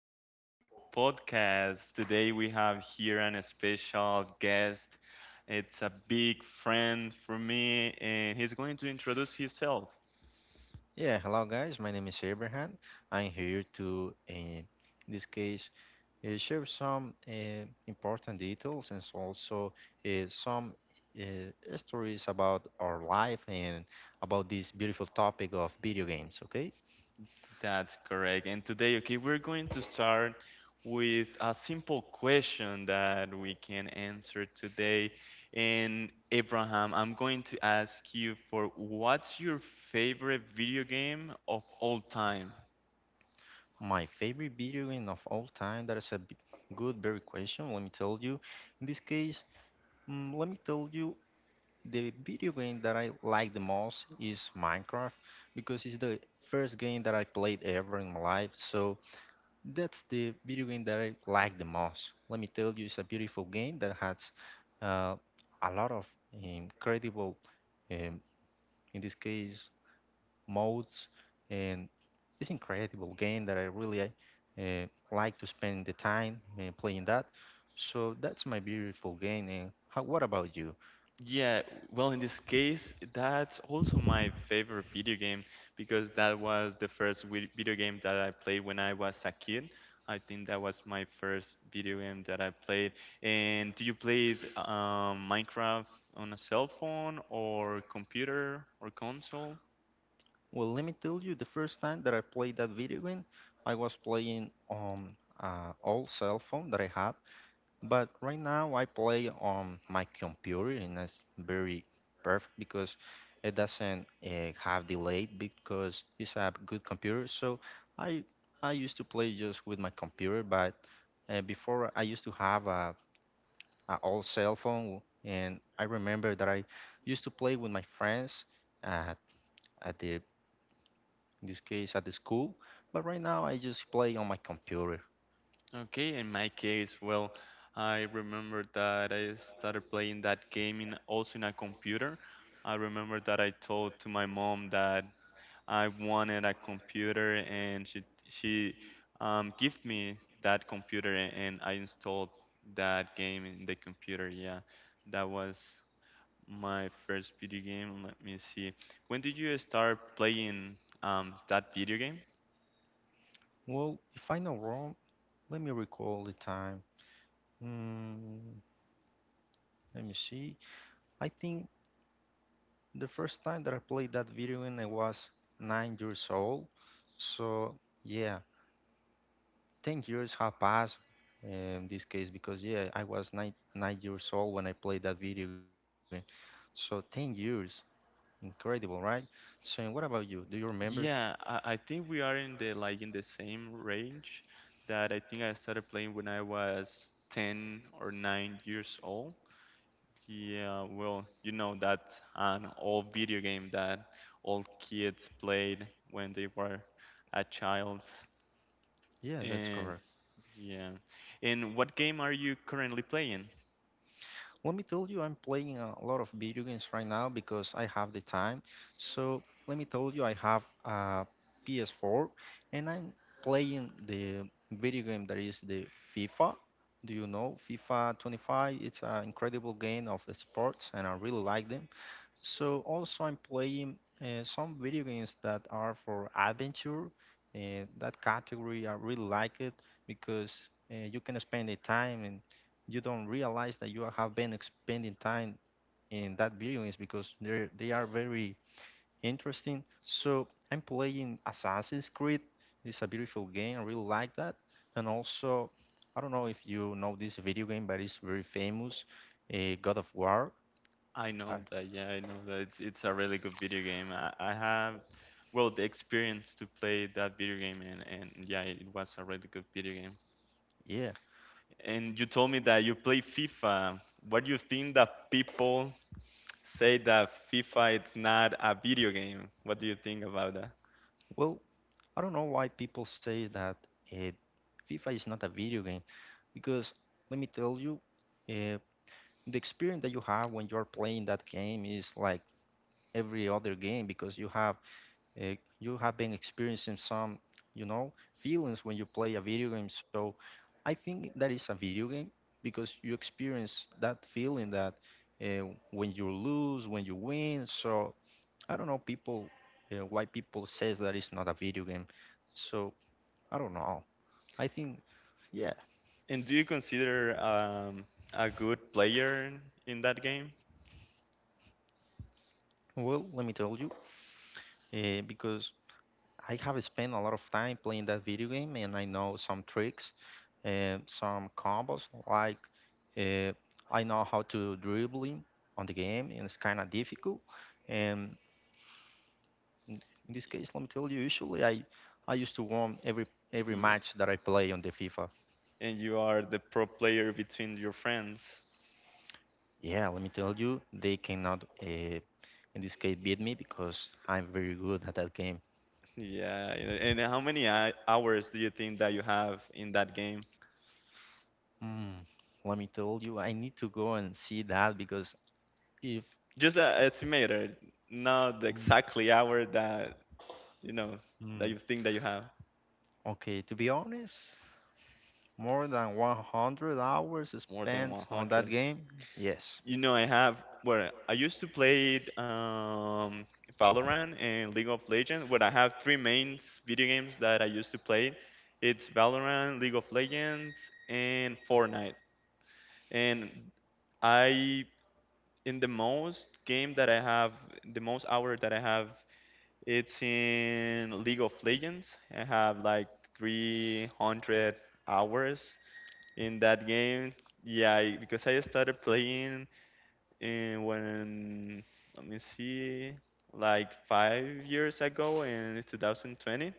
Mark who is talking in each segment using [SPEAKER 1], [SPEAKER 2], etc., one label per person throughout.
[SPEAKER 1] this beautiful podcast. Today we have here an special guest. It's a big friend for me, and he's going to introduce himself.
[SPEAKER 2] Yeah, hello guys. My name is Abraham. I'm here to, in this case, share some important details and so also some stories about our life and about this beautiful topic of video games. Okay,
[SPEAKER 1] That's correct. And today, okay, we're going to start with a simple question that we can answer today. And Abraham, I'm going to ask you for what's your favorite video game of all time?
[SPEAKER 2] my favorite video game of all time. That is a good, very question. Let me tell you. In this case, let me tell you, the video game that I like the most is Minecraft because it's the first game that I played ever in my life. So that's the video game that I like the most. Let me tell you, it's a beautiful game that has uh, a lot of incredible, um, in this case, modes, and it's incredible game that I really uh, like to spend the time playing that. So that's my beautiful game. And how, what about you?
[SPEAKER 1] Yeah, well, in this case, that's also my favorite video game because that was the first video game that I played when I was a kid. I think that was my first video game that I played. And do you play Minecraft on a cell phone or computer or console?
[SPEAKER 2] Well, let me tell you, the first time that I played that video game, I was playing on old cell phone that I had, but right now I play on my computer, and that's very perfect because it doesn't have delay because it's a good computer. So I I used to play just with my computer, but before I used to have a old cell phone, and I remember that I used to play with my friends at at the in this case at the school, but right now I just play on my computer.
[SPEAKER 1] Okay, in my case, well, I remember that I started playing that game in, also in a computer. I remember that I told to my mom that I wanted a computer, and she gave me that computer, and I installed that game in the computer. Yeah, that was my first video game. Let me see. When did you start playing that video game?
[SPEAKER 2] Well, if I'm not wrong, let me recall the time. Mm, let me see. I think the first time that I played that video game, I was 9 years old. So yeah, 10 years have passed in this case because yeah, I was nine years old when I played that video game. So 10 years, incredible, right? So what about you? Do you remember?
[SPEAKER 1] Yeah, I think we are in the like in the same range that I think I started playing when I was 10 or 9 years old. Yeah, well, you know that's an old video game that all kids played when they were a child.
[SPEAKER 2] Yeah, that's
[SPEAKER 1] And
[SPEAKER 2] correct.
[SPEAKER 1] yeah. And what game are you currently playing?
[SPEAKER 2] Let me tell you, I'm playing a lot of video games right now because I have the time. So let me tell you, I have a PS4 and I'm playing the video game that is the FIFA. Do you know FIFA 25? It's an incredible game of sports and I really like them. So also I'm playing some video games that are for adventure. And that category I really like it because you can spend the time and you don't realize that you have been spending time in that video games because they are very interesting. So I'm playing Assassin's Creed. It's a beautiful game. I really like that. And also, I don't know if you know this video game, but it's very famous, God of War.
[SPEAKER 1] I
[SPEAKER 2] Uh,
[SPEAKER 1] know that, yeah, I know that it's a really good video game. I have, well, the experience to play that video game and yeah, it was a really good video game.
[SPEAKER 2] yeah.
[SPEAKER 1] And you told me that you play FIFA. What do you think that people say that FIFA it's not a video game. What do you think about that?
[SPEAKER 2] Well, I don't know why people say that uh, FIFA is not a video game, because let me tell you, uh, the experience that you have when you're playing that game is like every other game because you have been experiencing some, you know, feelings when you play a video game. So I think that is a video game because you experience that feeling that when you lose, when you win. So I don't know people why people says that it's not a video game. So I don't know. I think, yeah.
[SPEAKER 1] And do you consider a good player in that game?
[SPEAKER 2] Well, let me tell you, because I have spent a lot of time playing that video game, and I know some tricks and some combos. Like uh, I know how to dribbling on the game, and it's kind of difficult. And in in this case, let me tell you, usually I used to win every
[SPEAKER 1] Yeah.
[SPEAKER 2] match that I play on the FIFA.
[SPEAKER 1] And you are the pro player between your friends.
[SPEAKER 2] Yeah, let me tell you, they cannot in this case beat me because I'm very good at that game.
[SPEAKER 1] Yeah. And how many hours do you think that you have in that game?
[SPEAKER 2] Mm, let me tell you, I need to go and see that because if.
[SPEAKER 1] Just a estimator, not the
[SPEAKER 2] Mm,
[SPEAKER 1] exactly hour that you know that
[SPEAKER 2] mm.
[SPEAKER 1] you think that you have.
[SPEAKER 2] Okay, to be honest, more than 100 hours
[SPEAKER 1] More than
[SPEAKER 2] spent on that
[SPEAKER 1] 100.
[SPEAKER 2] game? Yes.
[SPEAKER 1] You know, I have. Well, I used to play Valorant and League of Legends. Well, I have three main video games that I used to play. It's Valorant, League of Legends, and Fortnite. And I, in the most game that I have, the most hour that I have, it's in League of Legends. I have like 300 hours in that game. Yeah, because I started playing and when let me see like 5 years ago in 2020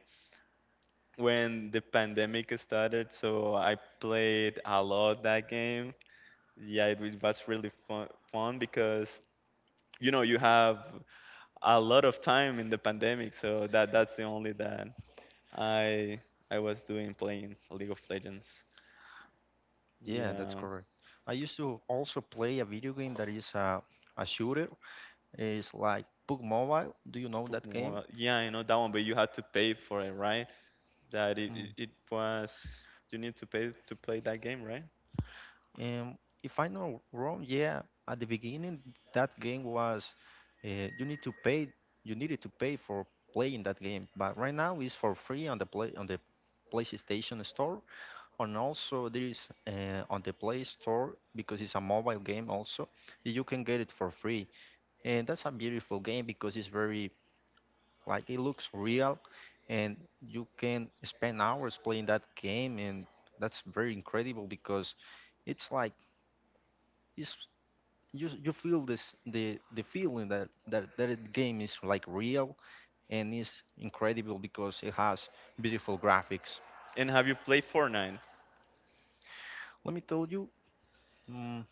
[SPEAKER 1] when the pandemic started so I played a lot that game yeah it was really fun, fun because you know you have a lot of time in the pandemic so that's the only that i I was doing playing league of legends
[SPEAKER 2] Yeah, that's
[SPEAKER 1] yeah
[SPEAKER 2] correct. I used to also play a video game that is a shooter. It's like PUBG Mobile. Do you know that game?
[SPEAKER 1] Pokemon. Yeah I know that one but you had to pay for it right? That it was you need to pay to play that game, right?
[SPEAKER 2] And if I'm not wrong, yeah, at the beginning that game was you need to pay, you needed to pay for playing that game. But right now it's for free on the PlayStation Store, and also there is on the Play Store because it's a mobile game also. You can get it for free, and that's a beautiful game because it's very like it looks real, and you can spend hours playing that game, and that's very incredible because it's like it's you feel this the feeling that that it game is like real and is incredible because it has beautiful graphics.
[SPEAKER 1] And have you played Fortnite?
[SPEAKER 2] Let me tell you, mm,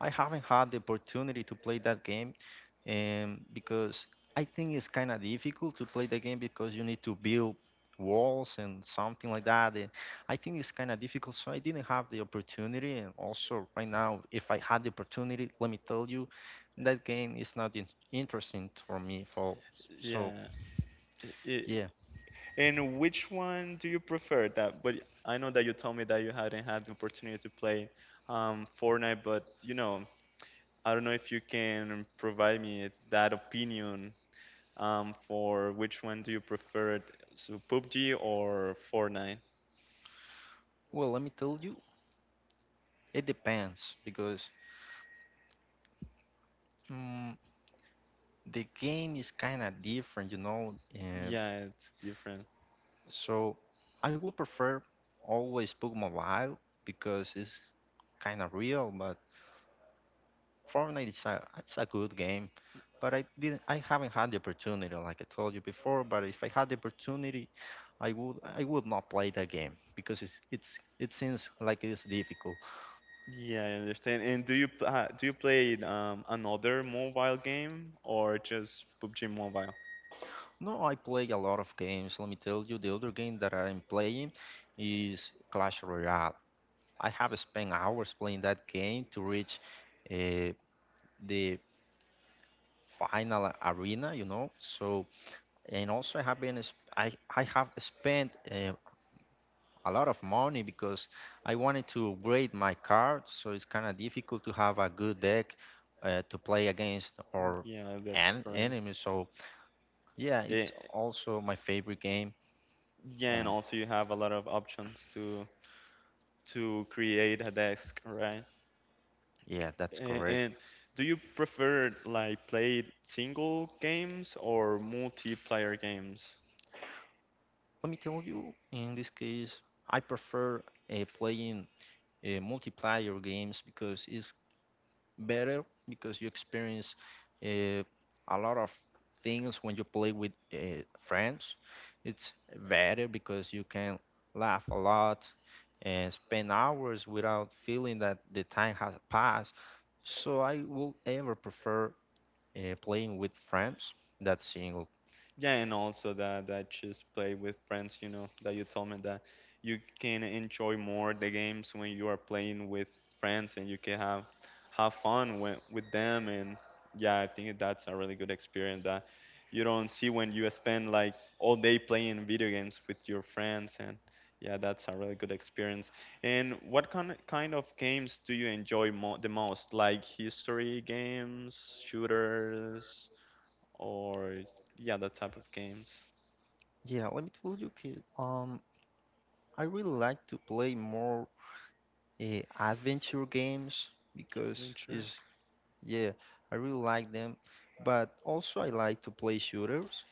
[SPEAKER 2] I haven't had the opportunity to play that game, because I think it's kind of difficult to play the game because you need to build walls and something like that. And I think it's kind of difficult, so I didn't have the opportunity. And also, right now, if I had the opportunity, let me tell you, that game is not interesting for me. For so,
[SPEAKER 1] Yeah. I-
[SPEAKER 2] yeah.
[SPEAKER 1] and which one do you prefer? That, but I know that you told me that you hadn't had the opportunity to play Fortnite, but you know, I don't know if you can provide me that opinion for which one do you prefer, so PUBG or Fortnite?
[SPEAKER 2] Well, let me tell you, it depends because. mm the game is kind of different, you know. Uh,
[SPEAKER 1] Yeah, it's different.
[SPEAKER 2] So I would prefer always book mobile because it's kind of real, but Fortnite is a it's a good game, but I haven't had the opportunity like I told you before, but if I had the opportunity, I would not play that game because it seems like it's difficult.
[SPEAKER 1] Yeah, I understand. And do you do you play another mobile game or just PUBG Mobile?
[SPEAKER 2] No, I play a lot of games. Let me tell you, the other game that I'm playing is Clash Royale. I have spent hours playing that game to reach uh, the final arena, you know. So and also I have been I have spent a lot of money because I wanted to upgrade my card, so it's kind of difficult to have a good deck to play against or
[SPEAKER 1] Yeah, that's
[SPEAKER 2] an
[SPEAKER 1] correct.
[SPEAKER 2] enemy. So yeah,
[SPEAKER 1] Eh,
[SPEAKER 2] it's also my favorite game.
[SPEAKER 1] yeah, and
[SPEAKER 2] Um,
[SPEAKER 1] also you have a lot of options to create a desk, right?
[SPEAKER 2] yeah, that's correct.
[SPEAKER 1] And do you prefer like play single games or multiplayer games?
[SPEAKER 2] Let me tell you, in this case, I prefer playing multiplayer games because it's better because you experience uh, a lot of things when you play with friends. It's better because you can laugh a lot and spend hours without feeling that the time has passed. So I will ever prefer playing with friends than single.
[SPEAKER 1] Yeah, and also that just play with friends, you know, that you told me that you can enjoy more the games when you are playing with friends and you can have fun when, with them and yeah, I think that's a really good experience that you don't see when you spend like all day playing video games with your friends and yeah, that's a really good experience. And what kind of games do you enjoy mo the most? Like history games, shooters, or yeah, that type of games.
[SPEAKER 2] Yeah, let me tell you, kid. I really like to play more uh, adventure games because
[SPEAKER 1] Adventure.
[SPEAKER 2] it's. Yeah, I really like them, but also I like to play shooters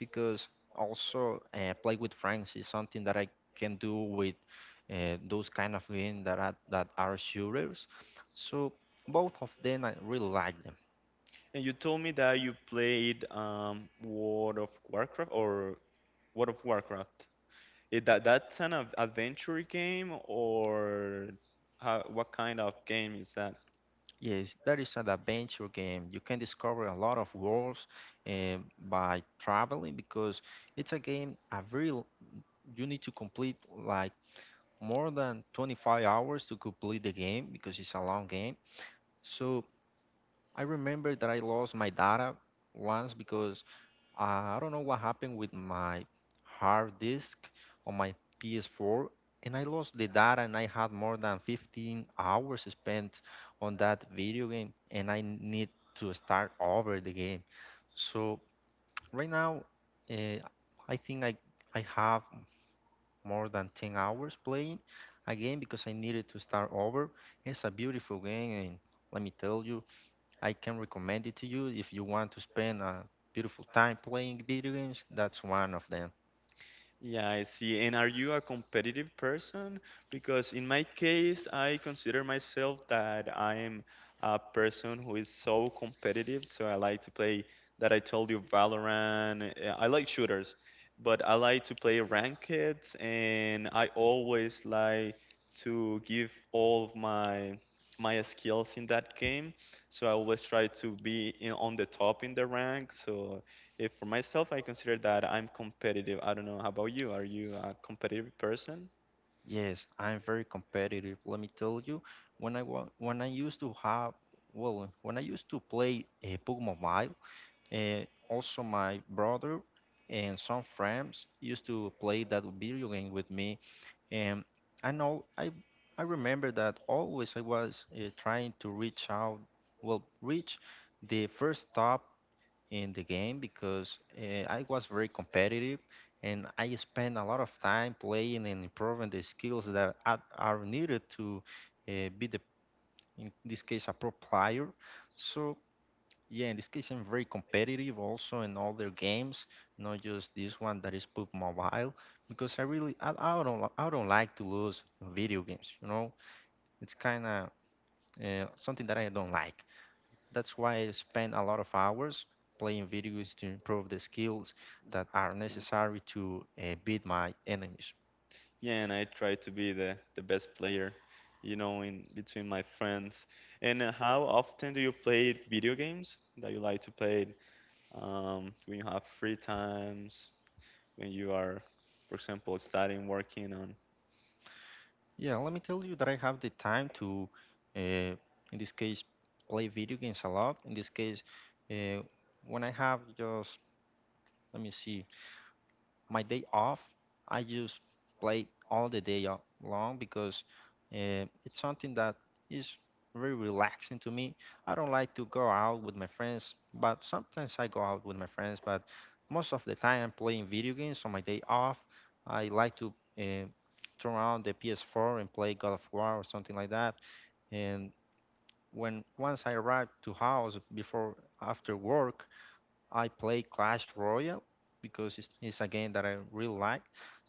[SPEAKER 2] because also play with friends is something that I can do with those kind of games that are, shooters. So both of them I really like them.
[SPEAKER 1] And you told me that you played World of Warcraft or World of Warcraft. Is that adventure game or how, what kind of game is that?
[SPEAKER 2] Yes, that is an adventure game. You can discover a lot of worlds by traveling because it's a game a real you need to complete like more than 25 hours to complete the game because it's a long game. So I remember that I lost my data once because uh, I don't know what happened with my hard disk on my PS4, and I lost the data, and I had more than 15 hours spent on that video game, and I need to start over the game. So right now, uh, I think I have more than 10 hours playing again because I needed to start over. It's a beautiful game, and let me tell you. I can recommend it to you if you want to spend a beautiful time playing video games. That's one of them.
[SPEAKER 1] Yeah, I see. And are you a competitive person? Because in my case, I consider myself that I'm a person who is so competitive. So I like to play, that I told you, Valorant. I like shooters, but I like to play ranked, and I always like to give all of my skills in that game. So I always try to be in, on the top in the rank. So if for myself, I consider that I'm competitive. I don't know. How about you? Are you a competitive person?
[SPEAKER 2] Yes, I'm very competitive. Let me tell you, when I used to have well, when I used to play a PUBG Mobile, also my brother and some friends used to play that video game with me, and I know I remember that always I was trying to reach out, well, reach the first top in the game because I was very competitive and I spent a lot of time playing and improving the skills that are needed to be the in this case a pro player. So yeah, in this case I'm very competitive also in all their games, not just this one that is PUBG Mobile, because I don't I don't like to lose video games. You know, it's kind of something that I don't like. That's why I spend a lot of hours playing video games to improve the skills that are
[SPEAKER 1] No.
[SPEAKER 2] necessary to beat my enemies.
[SPEAKER 1] Yeah, and I try to be the best player, you know, in between my friends. And how often do you play video games that you like to play when you have free times, when you are, for example, studying, working on?
[SPEAKER 2] Yeah, let me tell you that I have the time to, uh, in this case, play video games a lot. In this case, uh, when I have just, let me see, my day off, I just play all the day long because it's something that is very relaxing to me. I don't like to go out with my friends, but sometimes I go out with my friends. But most of the time, I'm playing video games on my day off. I like to uh, turn on the PS4 and play God of War or something like that. And when once I arrive to house before after work, I play Clash Royale because it's a game that I really like.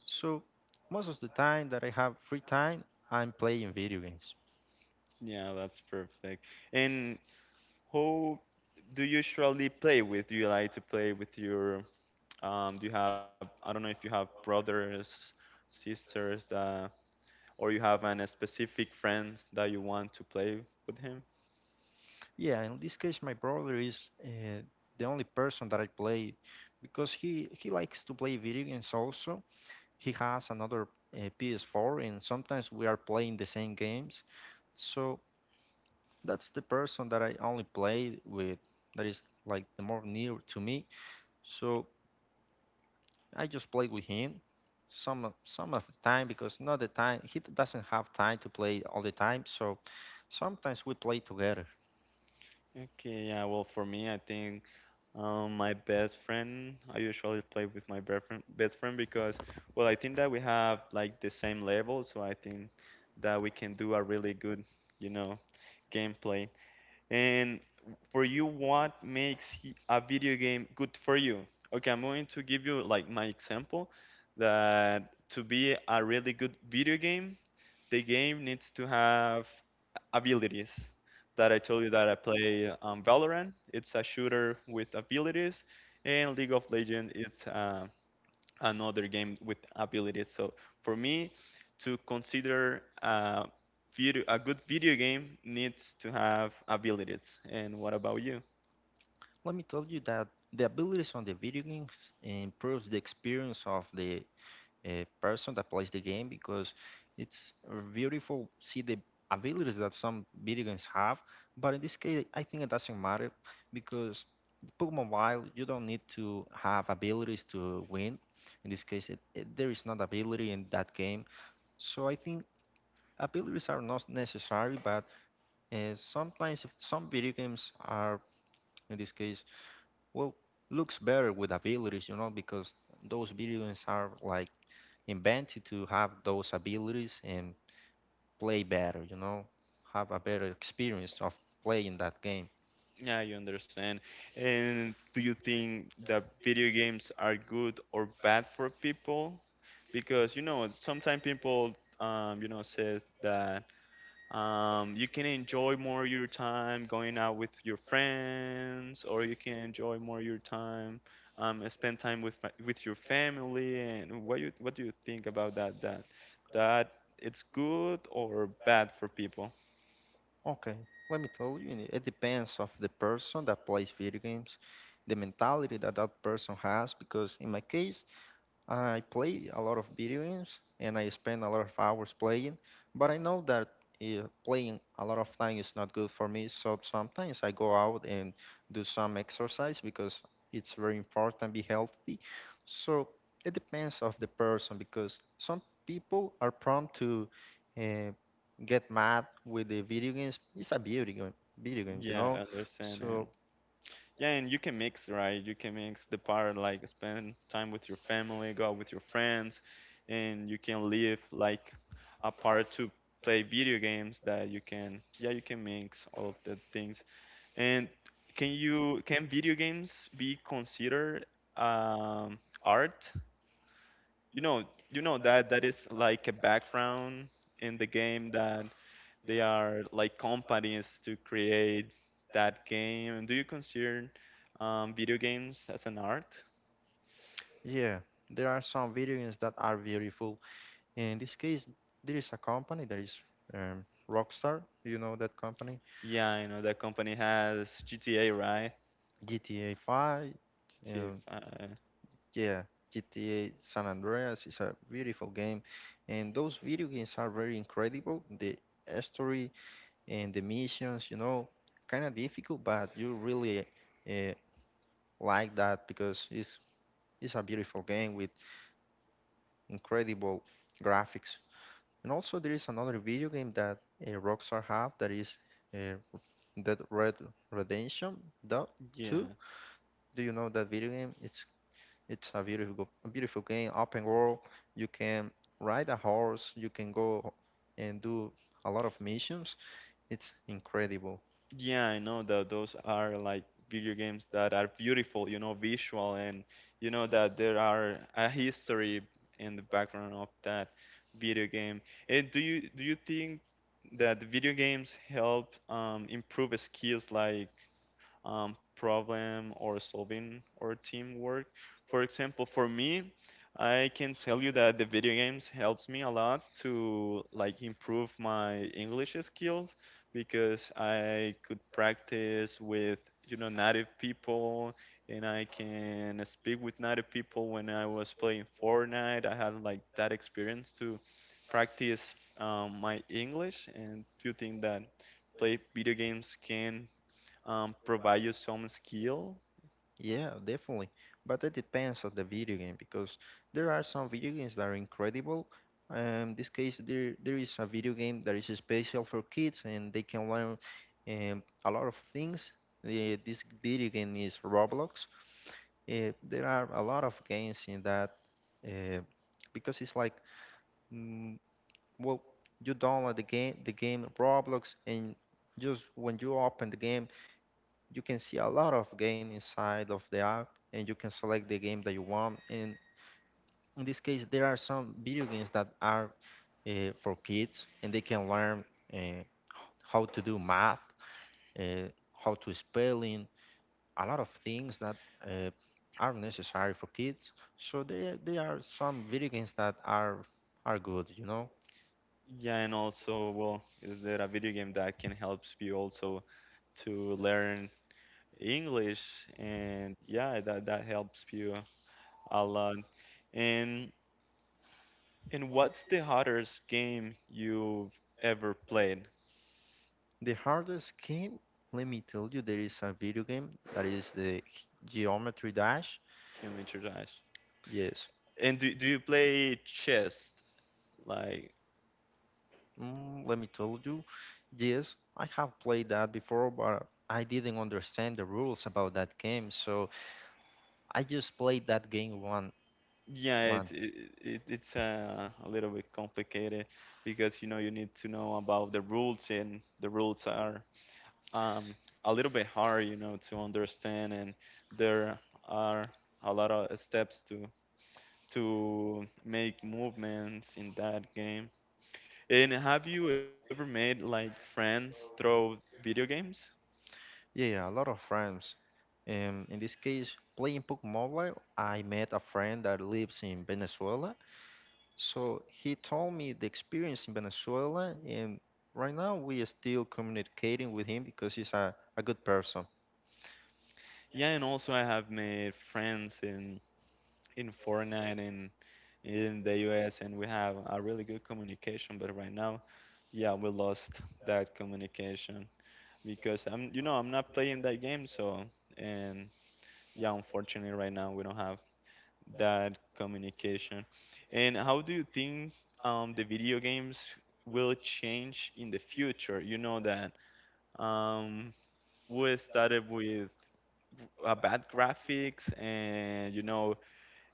[SPEAKER 2] So most of the time that I have free time, I'm playing video games.
[SPEAKER 1] Yeah, that's perfect. And who do you usually play with? Do you like to play with your, do you have, I don't know if you have brothers, sisters, that, or you have an a specific friend that you want to play with him?
[SPEAKER 2] Yeah, in this case, my brother is the only person that I play because he likes to play video games also. He has another PS4, and sometimes we are playing the same games. So that's the person that I only play with. That is like the more near to me. So I just play with him some of the time because not the time he doesn't have time to play all the time. So sometimes we play together.
[SPEAKER 1] Okay, yeah, well, for me, I think my best friend, I usually play with my best friend because, well, I think that we have like the same level, so I think that we can do a really good, you know, gameplay. And for you, what makes a video game good for you? Okay, I'm going to give you like my example that to be a really good video game, the game needs to have abilities. That I told you that I play Valorant, it's a shooter with abilities, and League of Legends, it's another game with abilities. So for me, to consider a video, a good video game needs to have abilities. And what about you?
[SPEAKER 2] Let me tell you that the abilities on the video games improves the experience of the a person that plays the game because it's beautiful see the abilities that some video games have, but in this case I think it doesn't matter because Pokemon Wild you don't need to have abilities to win. In this case, there is not ability in that game. So I think abilities are not necessary, but sometimes if some video games are in this case well looks better with abilities, you know, because those video games are like invented to have those abilities and play better, you know, have a better experience of playing that game.
[SPEAKER 1] Yeah, you understand. And do you think that video games are good or bad for people? Because you know, sometimes people, you know, says that you can enjoy more your time going out with your friends, or you can enjoy more your time, spend time with with your family. And what you what do you think about that? That that it's good or bad for people?
[SPEAKER 2] Okay, let me tell you, it depends of the person that plays video games, the mentality that person has, because in my case, I play a lot of video games and I spend a lot of hours playing, but I know that playing a lot of time is not good for me, so sometimes I go out and do some exercise because it's very important be healthy. So it depends of the person because some people are prone to uh, get mad with the video games. It's a video game, you
[SPEAKER 1] Yeah, I
[SPEAKER 2] know.
[SPEAKER 1] understand. And
[SPEAKER 2] So
[SPEAKER 1] yeah, and you can mix, right? You can mix the part like spend time with your family, go out with your friends, and you can live like a part to play video games that you can, yeah, you can mix all of the things. And can you, can video games be considered um, art? You know, you know that that is like a background in the game that they are like companies to create that game. Do you consider video games as an art?
[SPEAKER 2] yeah, there are some video games that are beautiful. In this case, there is a company that is Rockstar. You know that company?
[SPEAKER 1] Yeah, I know that company has GTA, right?
[SPEAKER 2] GTA 5. Um,
[SPEAKER 1] GTA.
[SPEAKER 2] yeah, GTA San Andreas is a beautiful game, and those video games are very incredible. The story and the missions, you know, kind of difficult, but you really uh, like that because it's a beautiful game with incredible graphics. And also, there is another video game that Rockstar have, that is uh, That Red Redemption Dou- 2.
[SPEAKER 1] Yeah,
[SPEAKER 2] Do you know that video game? It's a beautiful game, open world. You can ride a horse, you can go and do a lot of missions. It's incredible.
[SPEAKER 1] yeah, I know that those are like video games that are beautiful, you know, visual, and you know that there are a history in the background of that video game. And do you think that the video games help improve skills like problem or solving or teamwork. For example, for me, I can tell you that the video games helps me a lot to like improve my English skills because I could practice with you know native people and I can speak with native people when I was playing Fortnite. I had like that experience to practice my English and do you think that play video games can provide you some skill.
[SPEAKER 2] Yeah, definitely. But it depends on the video game because there are some video games that are incredible. This case, there is a video game that is special for kids and they can learn a lot of things. This video game is Roblox. There are a lot of games in that uh, because it's like, mm, well, you download the game Roblox, and just when you open the game, you can see a lot of game inside of the app and you can select the game that you want. And in this case there are some video games that are for kids and they can learn uh, how to do math, uh, how to spelling, a lot of things that uh, are necessary for kids. So there are some video games that are good, you know.
[SPEAKER 1] Yeah, and also, well, is there a video game that can help you also to learn English? And yeah, that helps you a lot. And what's the hardest game you've ever played,
[SPEAKER 2] The hardest game, let me tell you, there is a video game that is the Geometry Dash.
[SPEAKER 1] Geometry Dash?
[SPEAKER 2] Yes.
[SPEAKER 1] And do you play chess? Like,
[SPEAKER 2] Mm, let me tell you, yes, I have played that before, but I didn't understand the rules about that game, so I just played that game one,
[SPEAKER 1] yeah, it,
[SPEAKER 2] one.
[SPEAKER 1] it, it it's a little bit complicated because you know you need to know about the rules and the rules are um, a little bit hard, you know, to understand, and there are a lot of steps to make movements in that game. And have you ever made like friends through video games?
[SPEAKER 2] Yeah, yeah, a lot of friends. In this case, playing Pokemon Mobile, I met a friend that lives in Venezuela, so he told me the experience in Venezuela, and right now we are still communicating with him because he's a good person.
[SPEAKER 1] Yeah, and also I have made friends in Fortnite and in the US, and we have a really good communication. But right now, yeah, we lost that communication because I'm, you know, I'm not playing that game, so and yeah, unfortunately, right now we don't have that communication. And how do you think the video games will change in the future? You know that um, we started with a bad graphics, and you know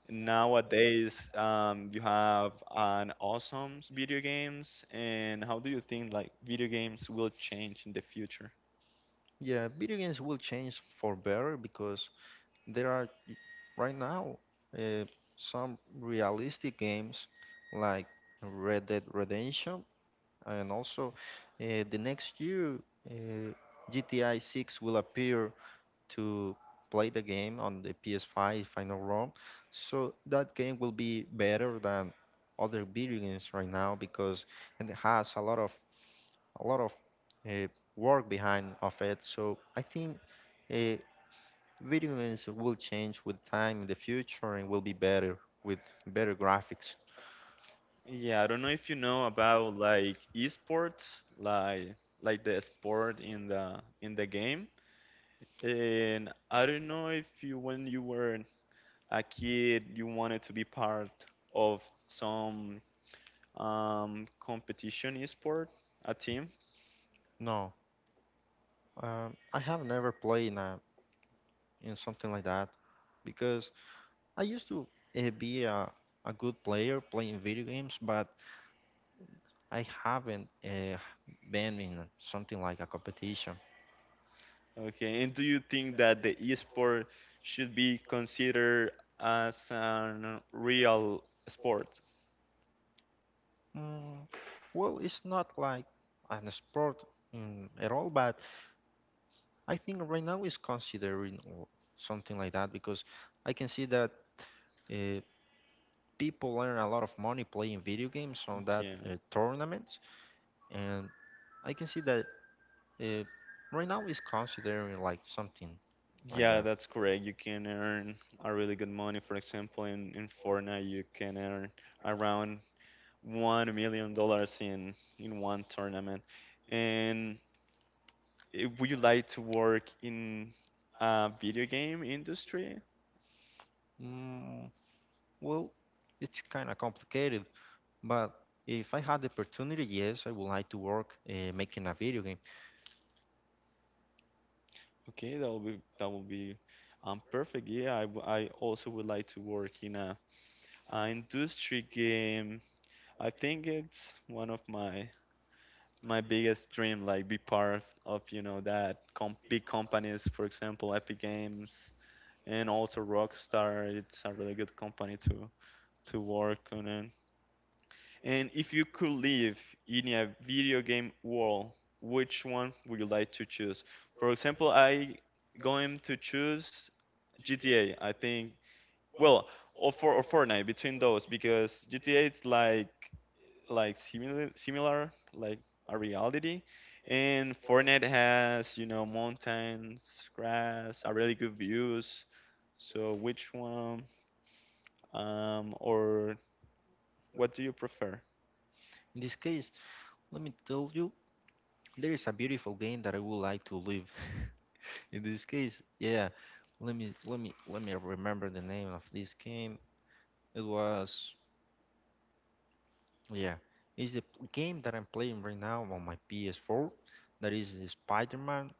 [SPEAKER 1] nowadays you have an awesome video games. And how do you think like video games will change in the future?
[SPEAKER 2] Yeah, video games will change for better because there are right now uh, some realistic games like Red Dead Redemption, and also the next year uh, GTI 6 will appear to play the game on the PS5 if I'm not wrong. So that game will be better than other video games right now because and it has a lot of uh, work behind of it. So I think. Uh, Video games will change with time in the future and will be better with better graphics.
[SPEAKER 1] Yeah, I don't know if you know about like esports, like the sport in the game. And I don't know if you when you were a kid you wanted to be part of some competition esport, a team.
[SPEAKER 2] No, I have never played in, a, in something like that because I used to be a good player playing video games, but I haven't been in something like a competition.
[SPEAKER 1] Okay, and do you think that the esport should be considered as a real sport?
[SPEAKER 2] Mm, well, it's not like an sport at all, but I think right now it's considering something like that because I can see that. Uh, people earn a lot of money playing video games on that
[SPEAKER 1] Yeah.
[SPEAKER 2] tournament, and I can see that uh, right now is considering like something like
[SPEAKER 1] Yeah,
[SPEAKER 2] that.
[SPEAKER 1] that's correct. You can earn a really good money. For example, in Fortnite, you can earn around $1 million in one tournament. And would you like to work in a video game industry?
[SPEAKER 2] Mm, well, it's kind of complicated, but if I had the opportunity, yes, I would like to work making a video game.
[SPEAKER 1] Okay, that will be perfect. Yeah, I also would like to work in a industry game. I think it's one of my biggest dream, like be part of that big companies, for example, Epic Games and also Rockstar. It's a really good company to work on. It. And if you could live in a video game world, which one would you like to choose? For example, I going to choose GTA. I think well, or Fortnite between those because GTA it's like similar like a reality, and Fortnite has, you know, mountains, grass, a really good views. So which one, or what do you prefer?
[SPEAKER 2] In this case, let me tell you, there is a beautiful game that I would like to live. In this case, yeah, let me remember the name of this game. It was. Yeah, it's the game that I'm playing right now on my PS4. That is Spider-Man.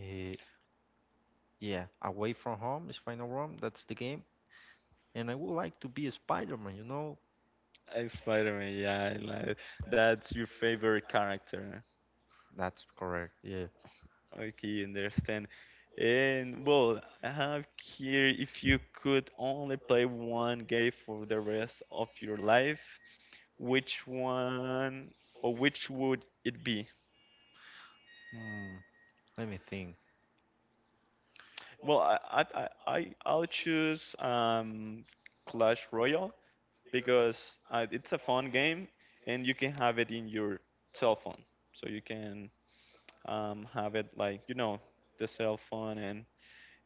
[SPEAKER 2] Uh, yeah, Away from Home is Final Room. That's the game, and I would like to be a Spider-Man. You know,
[SPEAKER 1] Spider-Man, yeah, I like that's your favorite character.
[SPEAKER 2] that's correct. Yeah.
[SPEAKER 1] Okay, understand. And well, I have here, if you could only play one game for the rest of your life, which one or which would it be?
[SPEAKER 2] Hmm. Let me think.
[SPEAKER 1] Well, I will choose Clash Royale because it's a fun game and you can have it in your cell phone, so you can have it like, you know, the cell phone, and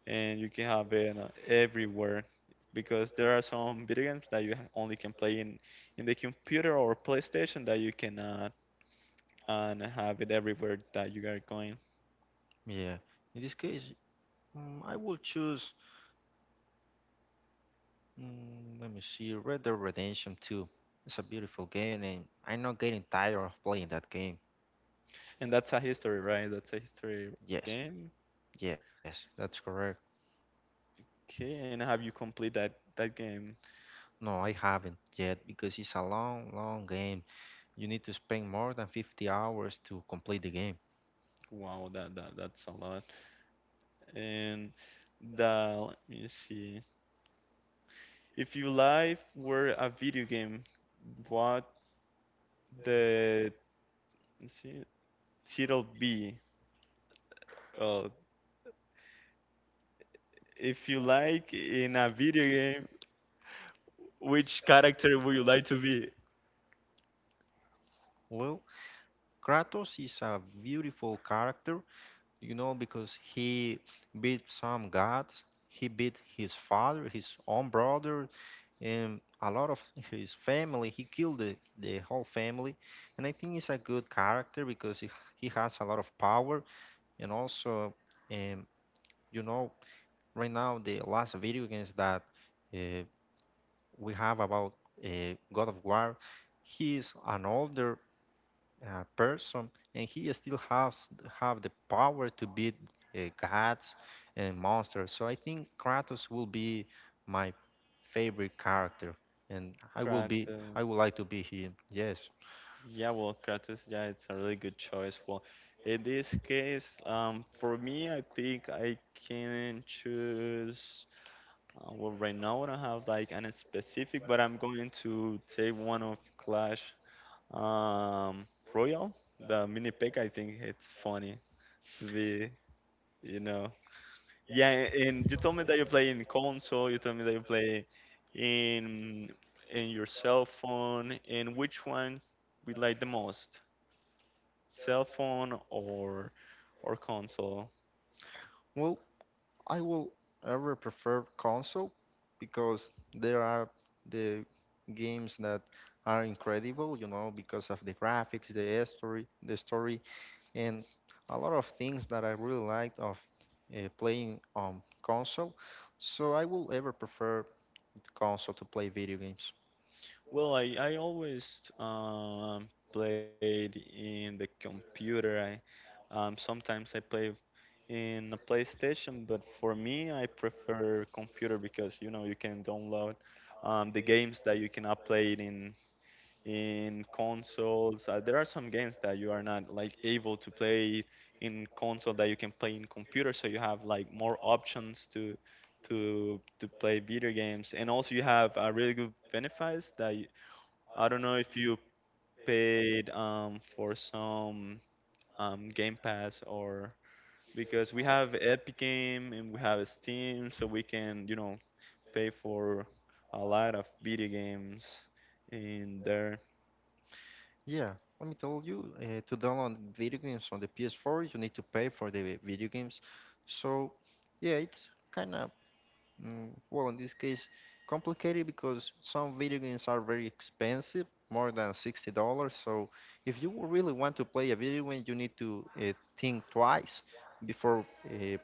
[SPEAKER 1] you can have it everywhere, because there are some video games that you only can play in the computer or PlayStation that you cannot, and have it everywhere that you are going.
[SPEAKER 2] Yeah. In this case, I will choose. Mm, let me see. Red Dead Redemption 2. It's a beautiful game, and I'm not getting tired of playing that game.
[SPEAKER 1] And that's a history, right? That's a history
[SPEAKER 2] Yes.
[SPEAKER 1] game.
[SPEAKER 2] Yes, that's correct.
[SPEAKER 1] Okay, and have you complete that game?
[SPEAKER 2] No, I haven't yet because it's a long, long game. You need to spend more than 50 hours to complete the game.
[SPEAKER 1] Wow, that's a lot. And the, let me see. If your life were a video game, what the, let's see, title be? Uh, if you like in a video game, which character would you like to be?
[SPEAKER 2] Well, Kratos is a beautiful character, you know, because he beat some gods. He beat his father, his own brother, and a lot of his family. He killed the whole family. And I think he's a good character because he has a lot of power. And also, um, you know, right now, the last video games that uh, we have about God of War. He is an older person, and he still has have the power to beat gods and monsters. So I think Kratos will be my favorite character, and I will be
[SPEAKER 1] Kratos.
[SPEAKER 2] I would like to be him. Yes.
[SPEAKER 1] Yeah, well, Kratos, yeah, it's a really good choice. Well, in this case, for me, I think I can choose. Well, right now I don't have like any specific, but I'm going to take one of Clash um, Royale, the mini pick. I think it's funny to be, you know. Yeah, and you told me that you play in console. You told me that you play in your cell phone. And which one we like the most, cell phone or console?
[SPEAKER 2] Well, I will ever prefer console because there are the games that are incredible, you know, because of the graphics, the story and a lot of things that I really liked of playing on console. So I will ever prefer console to play video games.
[SPEAKER 1] Well, I always played in the computer. Sometimes I play in a PlayStation, but for me, I prefer computer because you know you can download the games that you cannot play it in consoles. There are some games that you are not like able to play in console that you can play in computer, so you have like more options to play video games, and also you have a really good benefits that you, I don't know if you paid for some Game Pass or, because we have Epic Game and we have Steam, so we can, you know, pay for a lot of video games in there.
[SPEAKER 2] Yeah, let me tell you, to download video games on the PS4, you need to pay for the video games. So yeah, it's kind of well in this case complicated because some video games are very expensive, more than $60. So if you really want to play a video game, you need to think twice before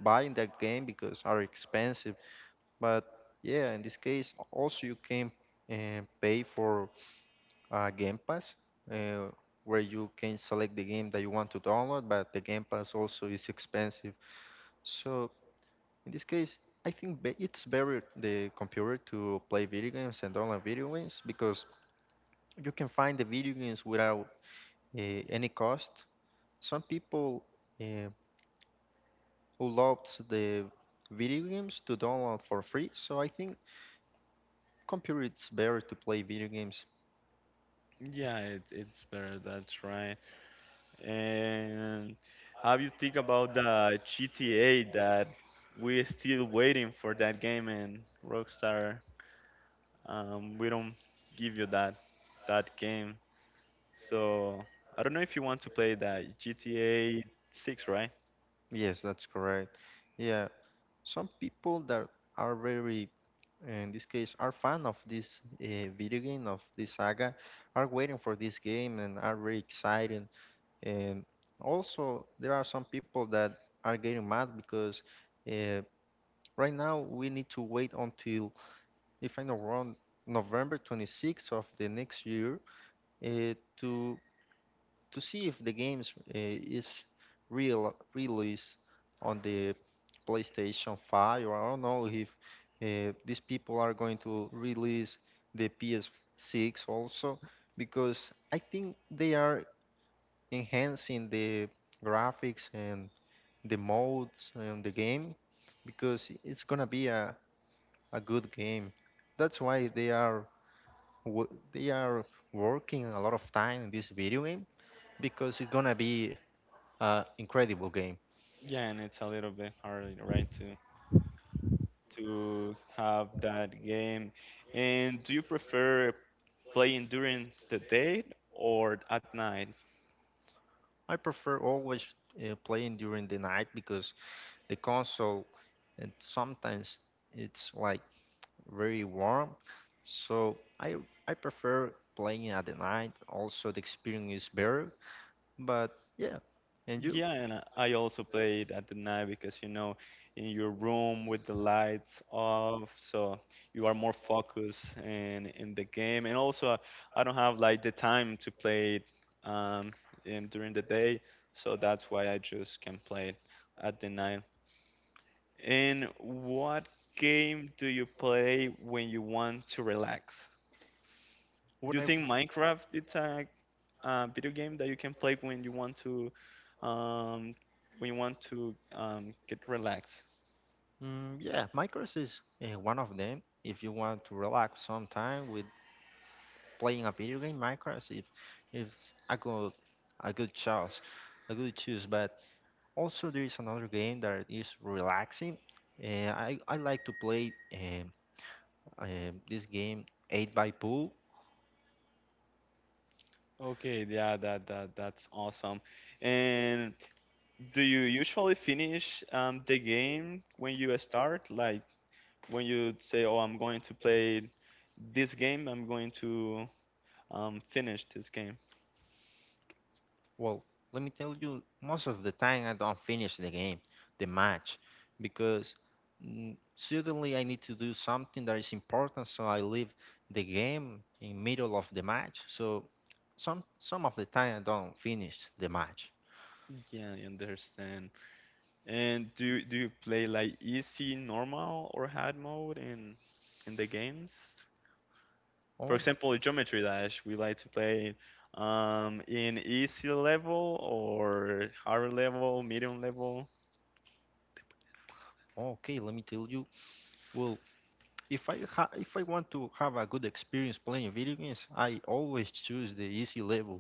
[SPEAKER 2] buying that game because are expensive. But yeah, in this case, also you can pay for Game Pass, uh, where you can select the game that you want to download. But the Game Pass also is expensive. So in this case, I think it's better the computer to play video games and download video games because you can find the video games without uh, any cost. Some people uh, who loved the video games to download for free. So I think computer it's better to play video games.
[SPEAKER 1] Yeah, it, it's better, that's right. And how you think about the GTA that we're still waiting for that game, and Rockstar, we don't give you that game. So I don't know if you want to play that GTA 6, right?
[SPEAKER 2] Yes, that's correct. Yeah, some people that are very, in this case, are fan of this video game of this saga, are waiting for this game and are very excited. And also, there are some people that are getting mad because uh, right now we need to wait until, if I'm not wrong, November 26th of the next year uh, to to see if the games is real released on the PlayStation 5, or I don't know if these people are going to release the PS6 also because I think they are enhancing the graphics and the modes and the game because it's gonna be a good game. That's why they are they are working a lot of time in this video game because it's gonna be incredible game.
[SPEAKER 1] Yeah, and it's a little bit hard, right, too, to have that game. And do you prefer playing during the day or at night?
[SPEAKER 2] I prefer always playing during the night because the console and sometimes it's like very warm. So I prefer playing at the night. Also, the experience is better. But yeah, and you?
[SPEAKER 1] Yeah, and I also play it at the night because, you know, in your room with the lights off, so you are more focused in the game. And also, I don't have like the time to play it um, in, during the day, so that's why I just can play it at the night. And what game do you play when you want to relax? Do
[SPEAKER 2] When
[SPEAKER 1] you
[SPEAKER 2] I.
[SPEAKER 1] think Minecraft is a, uh, video game that you can play when you want to um, when you want to get relaxed?
[SPEAKER 2] Mm, yeah, Minecraft is one of them. If you want to relax sometime with playing a video game, Minecraft if it's a good choice, a good choice. But also, there is another game that is relaxing. I like to play this game 8 by Pool.
[SPEAKER 1] Okay, yeah, that's awesome. And do you usually finish the game when you start? Like when you say, "Oh, I'm going to play this game. I'm going to finish this game."
[SPEAKER 2] Well, let me tell you, most of the time I don't finish the game, the match, because suddenly I need to do something that is important, so I leave the game in middle of the match. So some of the time I don't finish the match.
[SPEAKER 1] Yeah, I understand. And do you play like easy, normal, or hard mode in the games? For
[SPEAKER 2] Oh,
[SPEAKER 1] example, Geometry Dash, we like to play in easy level or hard level, medium level.
[SPEAKER 2] okay, let me tell you. Well, If I want to have a good experience playing video games, I always choose the easy level.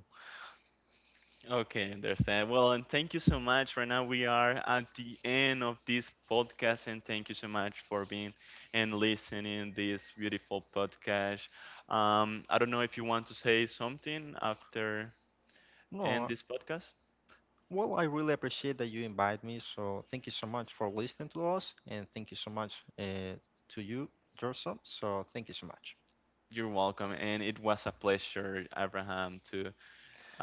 [SPEAKER 1] Okay, understand. Well, and thank you so much. Right now we are at the end of this podcast, and thank you so much for being and listening this beautiful podcast. I don't know if you want to say something after end
[SPEAKER 2] No,
[SPEAKER 1] this podcast.
[SPEAKER 2] well, I really appreciate that you invite me. So thank you so much for listening to us, and thank you so much to you, Gerson. So thank you so much.
[SPEAKER 1] You're welcome, and it was a pleasure, Abraham, to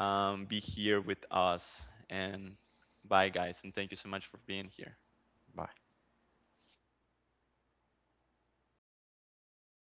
[SPEAKER 1] be here with us. And bye, guys, and thank you so much for being here.
[SPEAKER 2] Bye.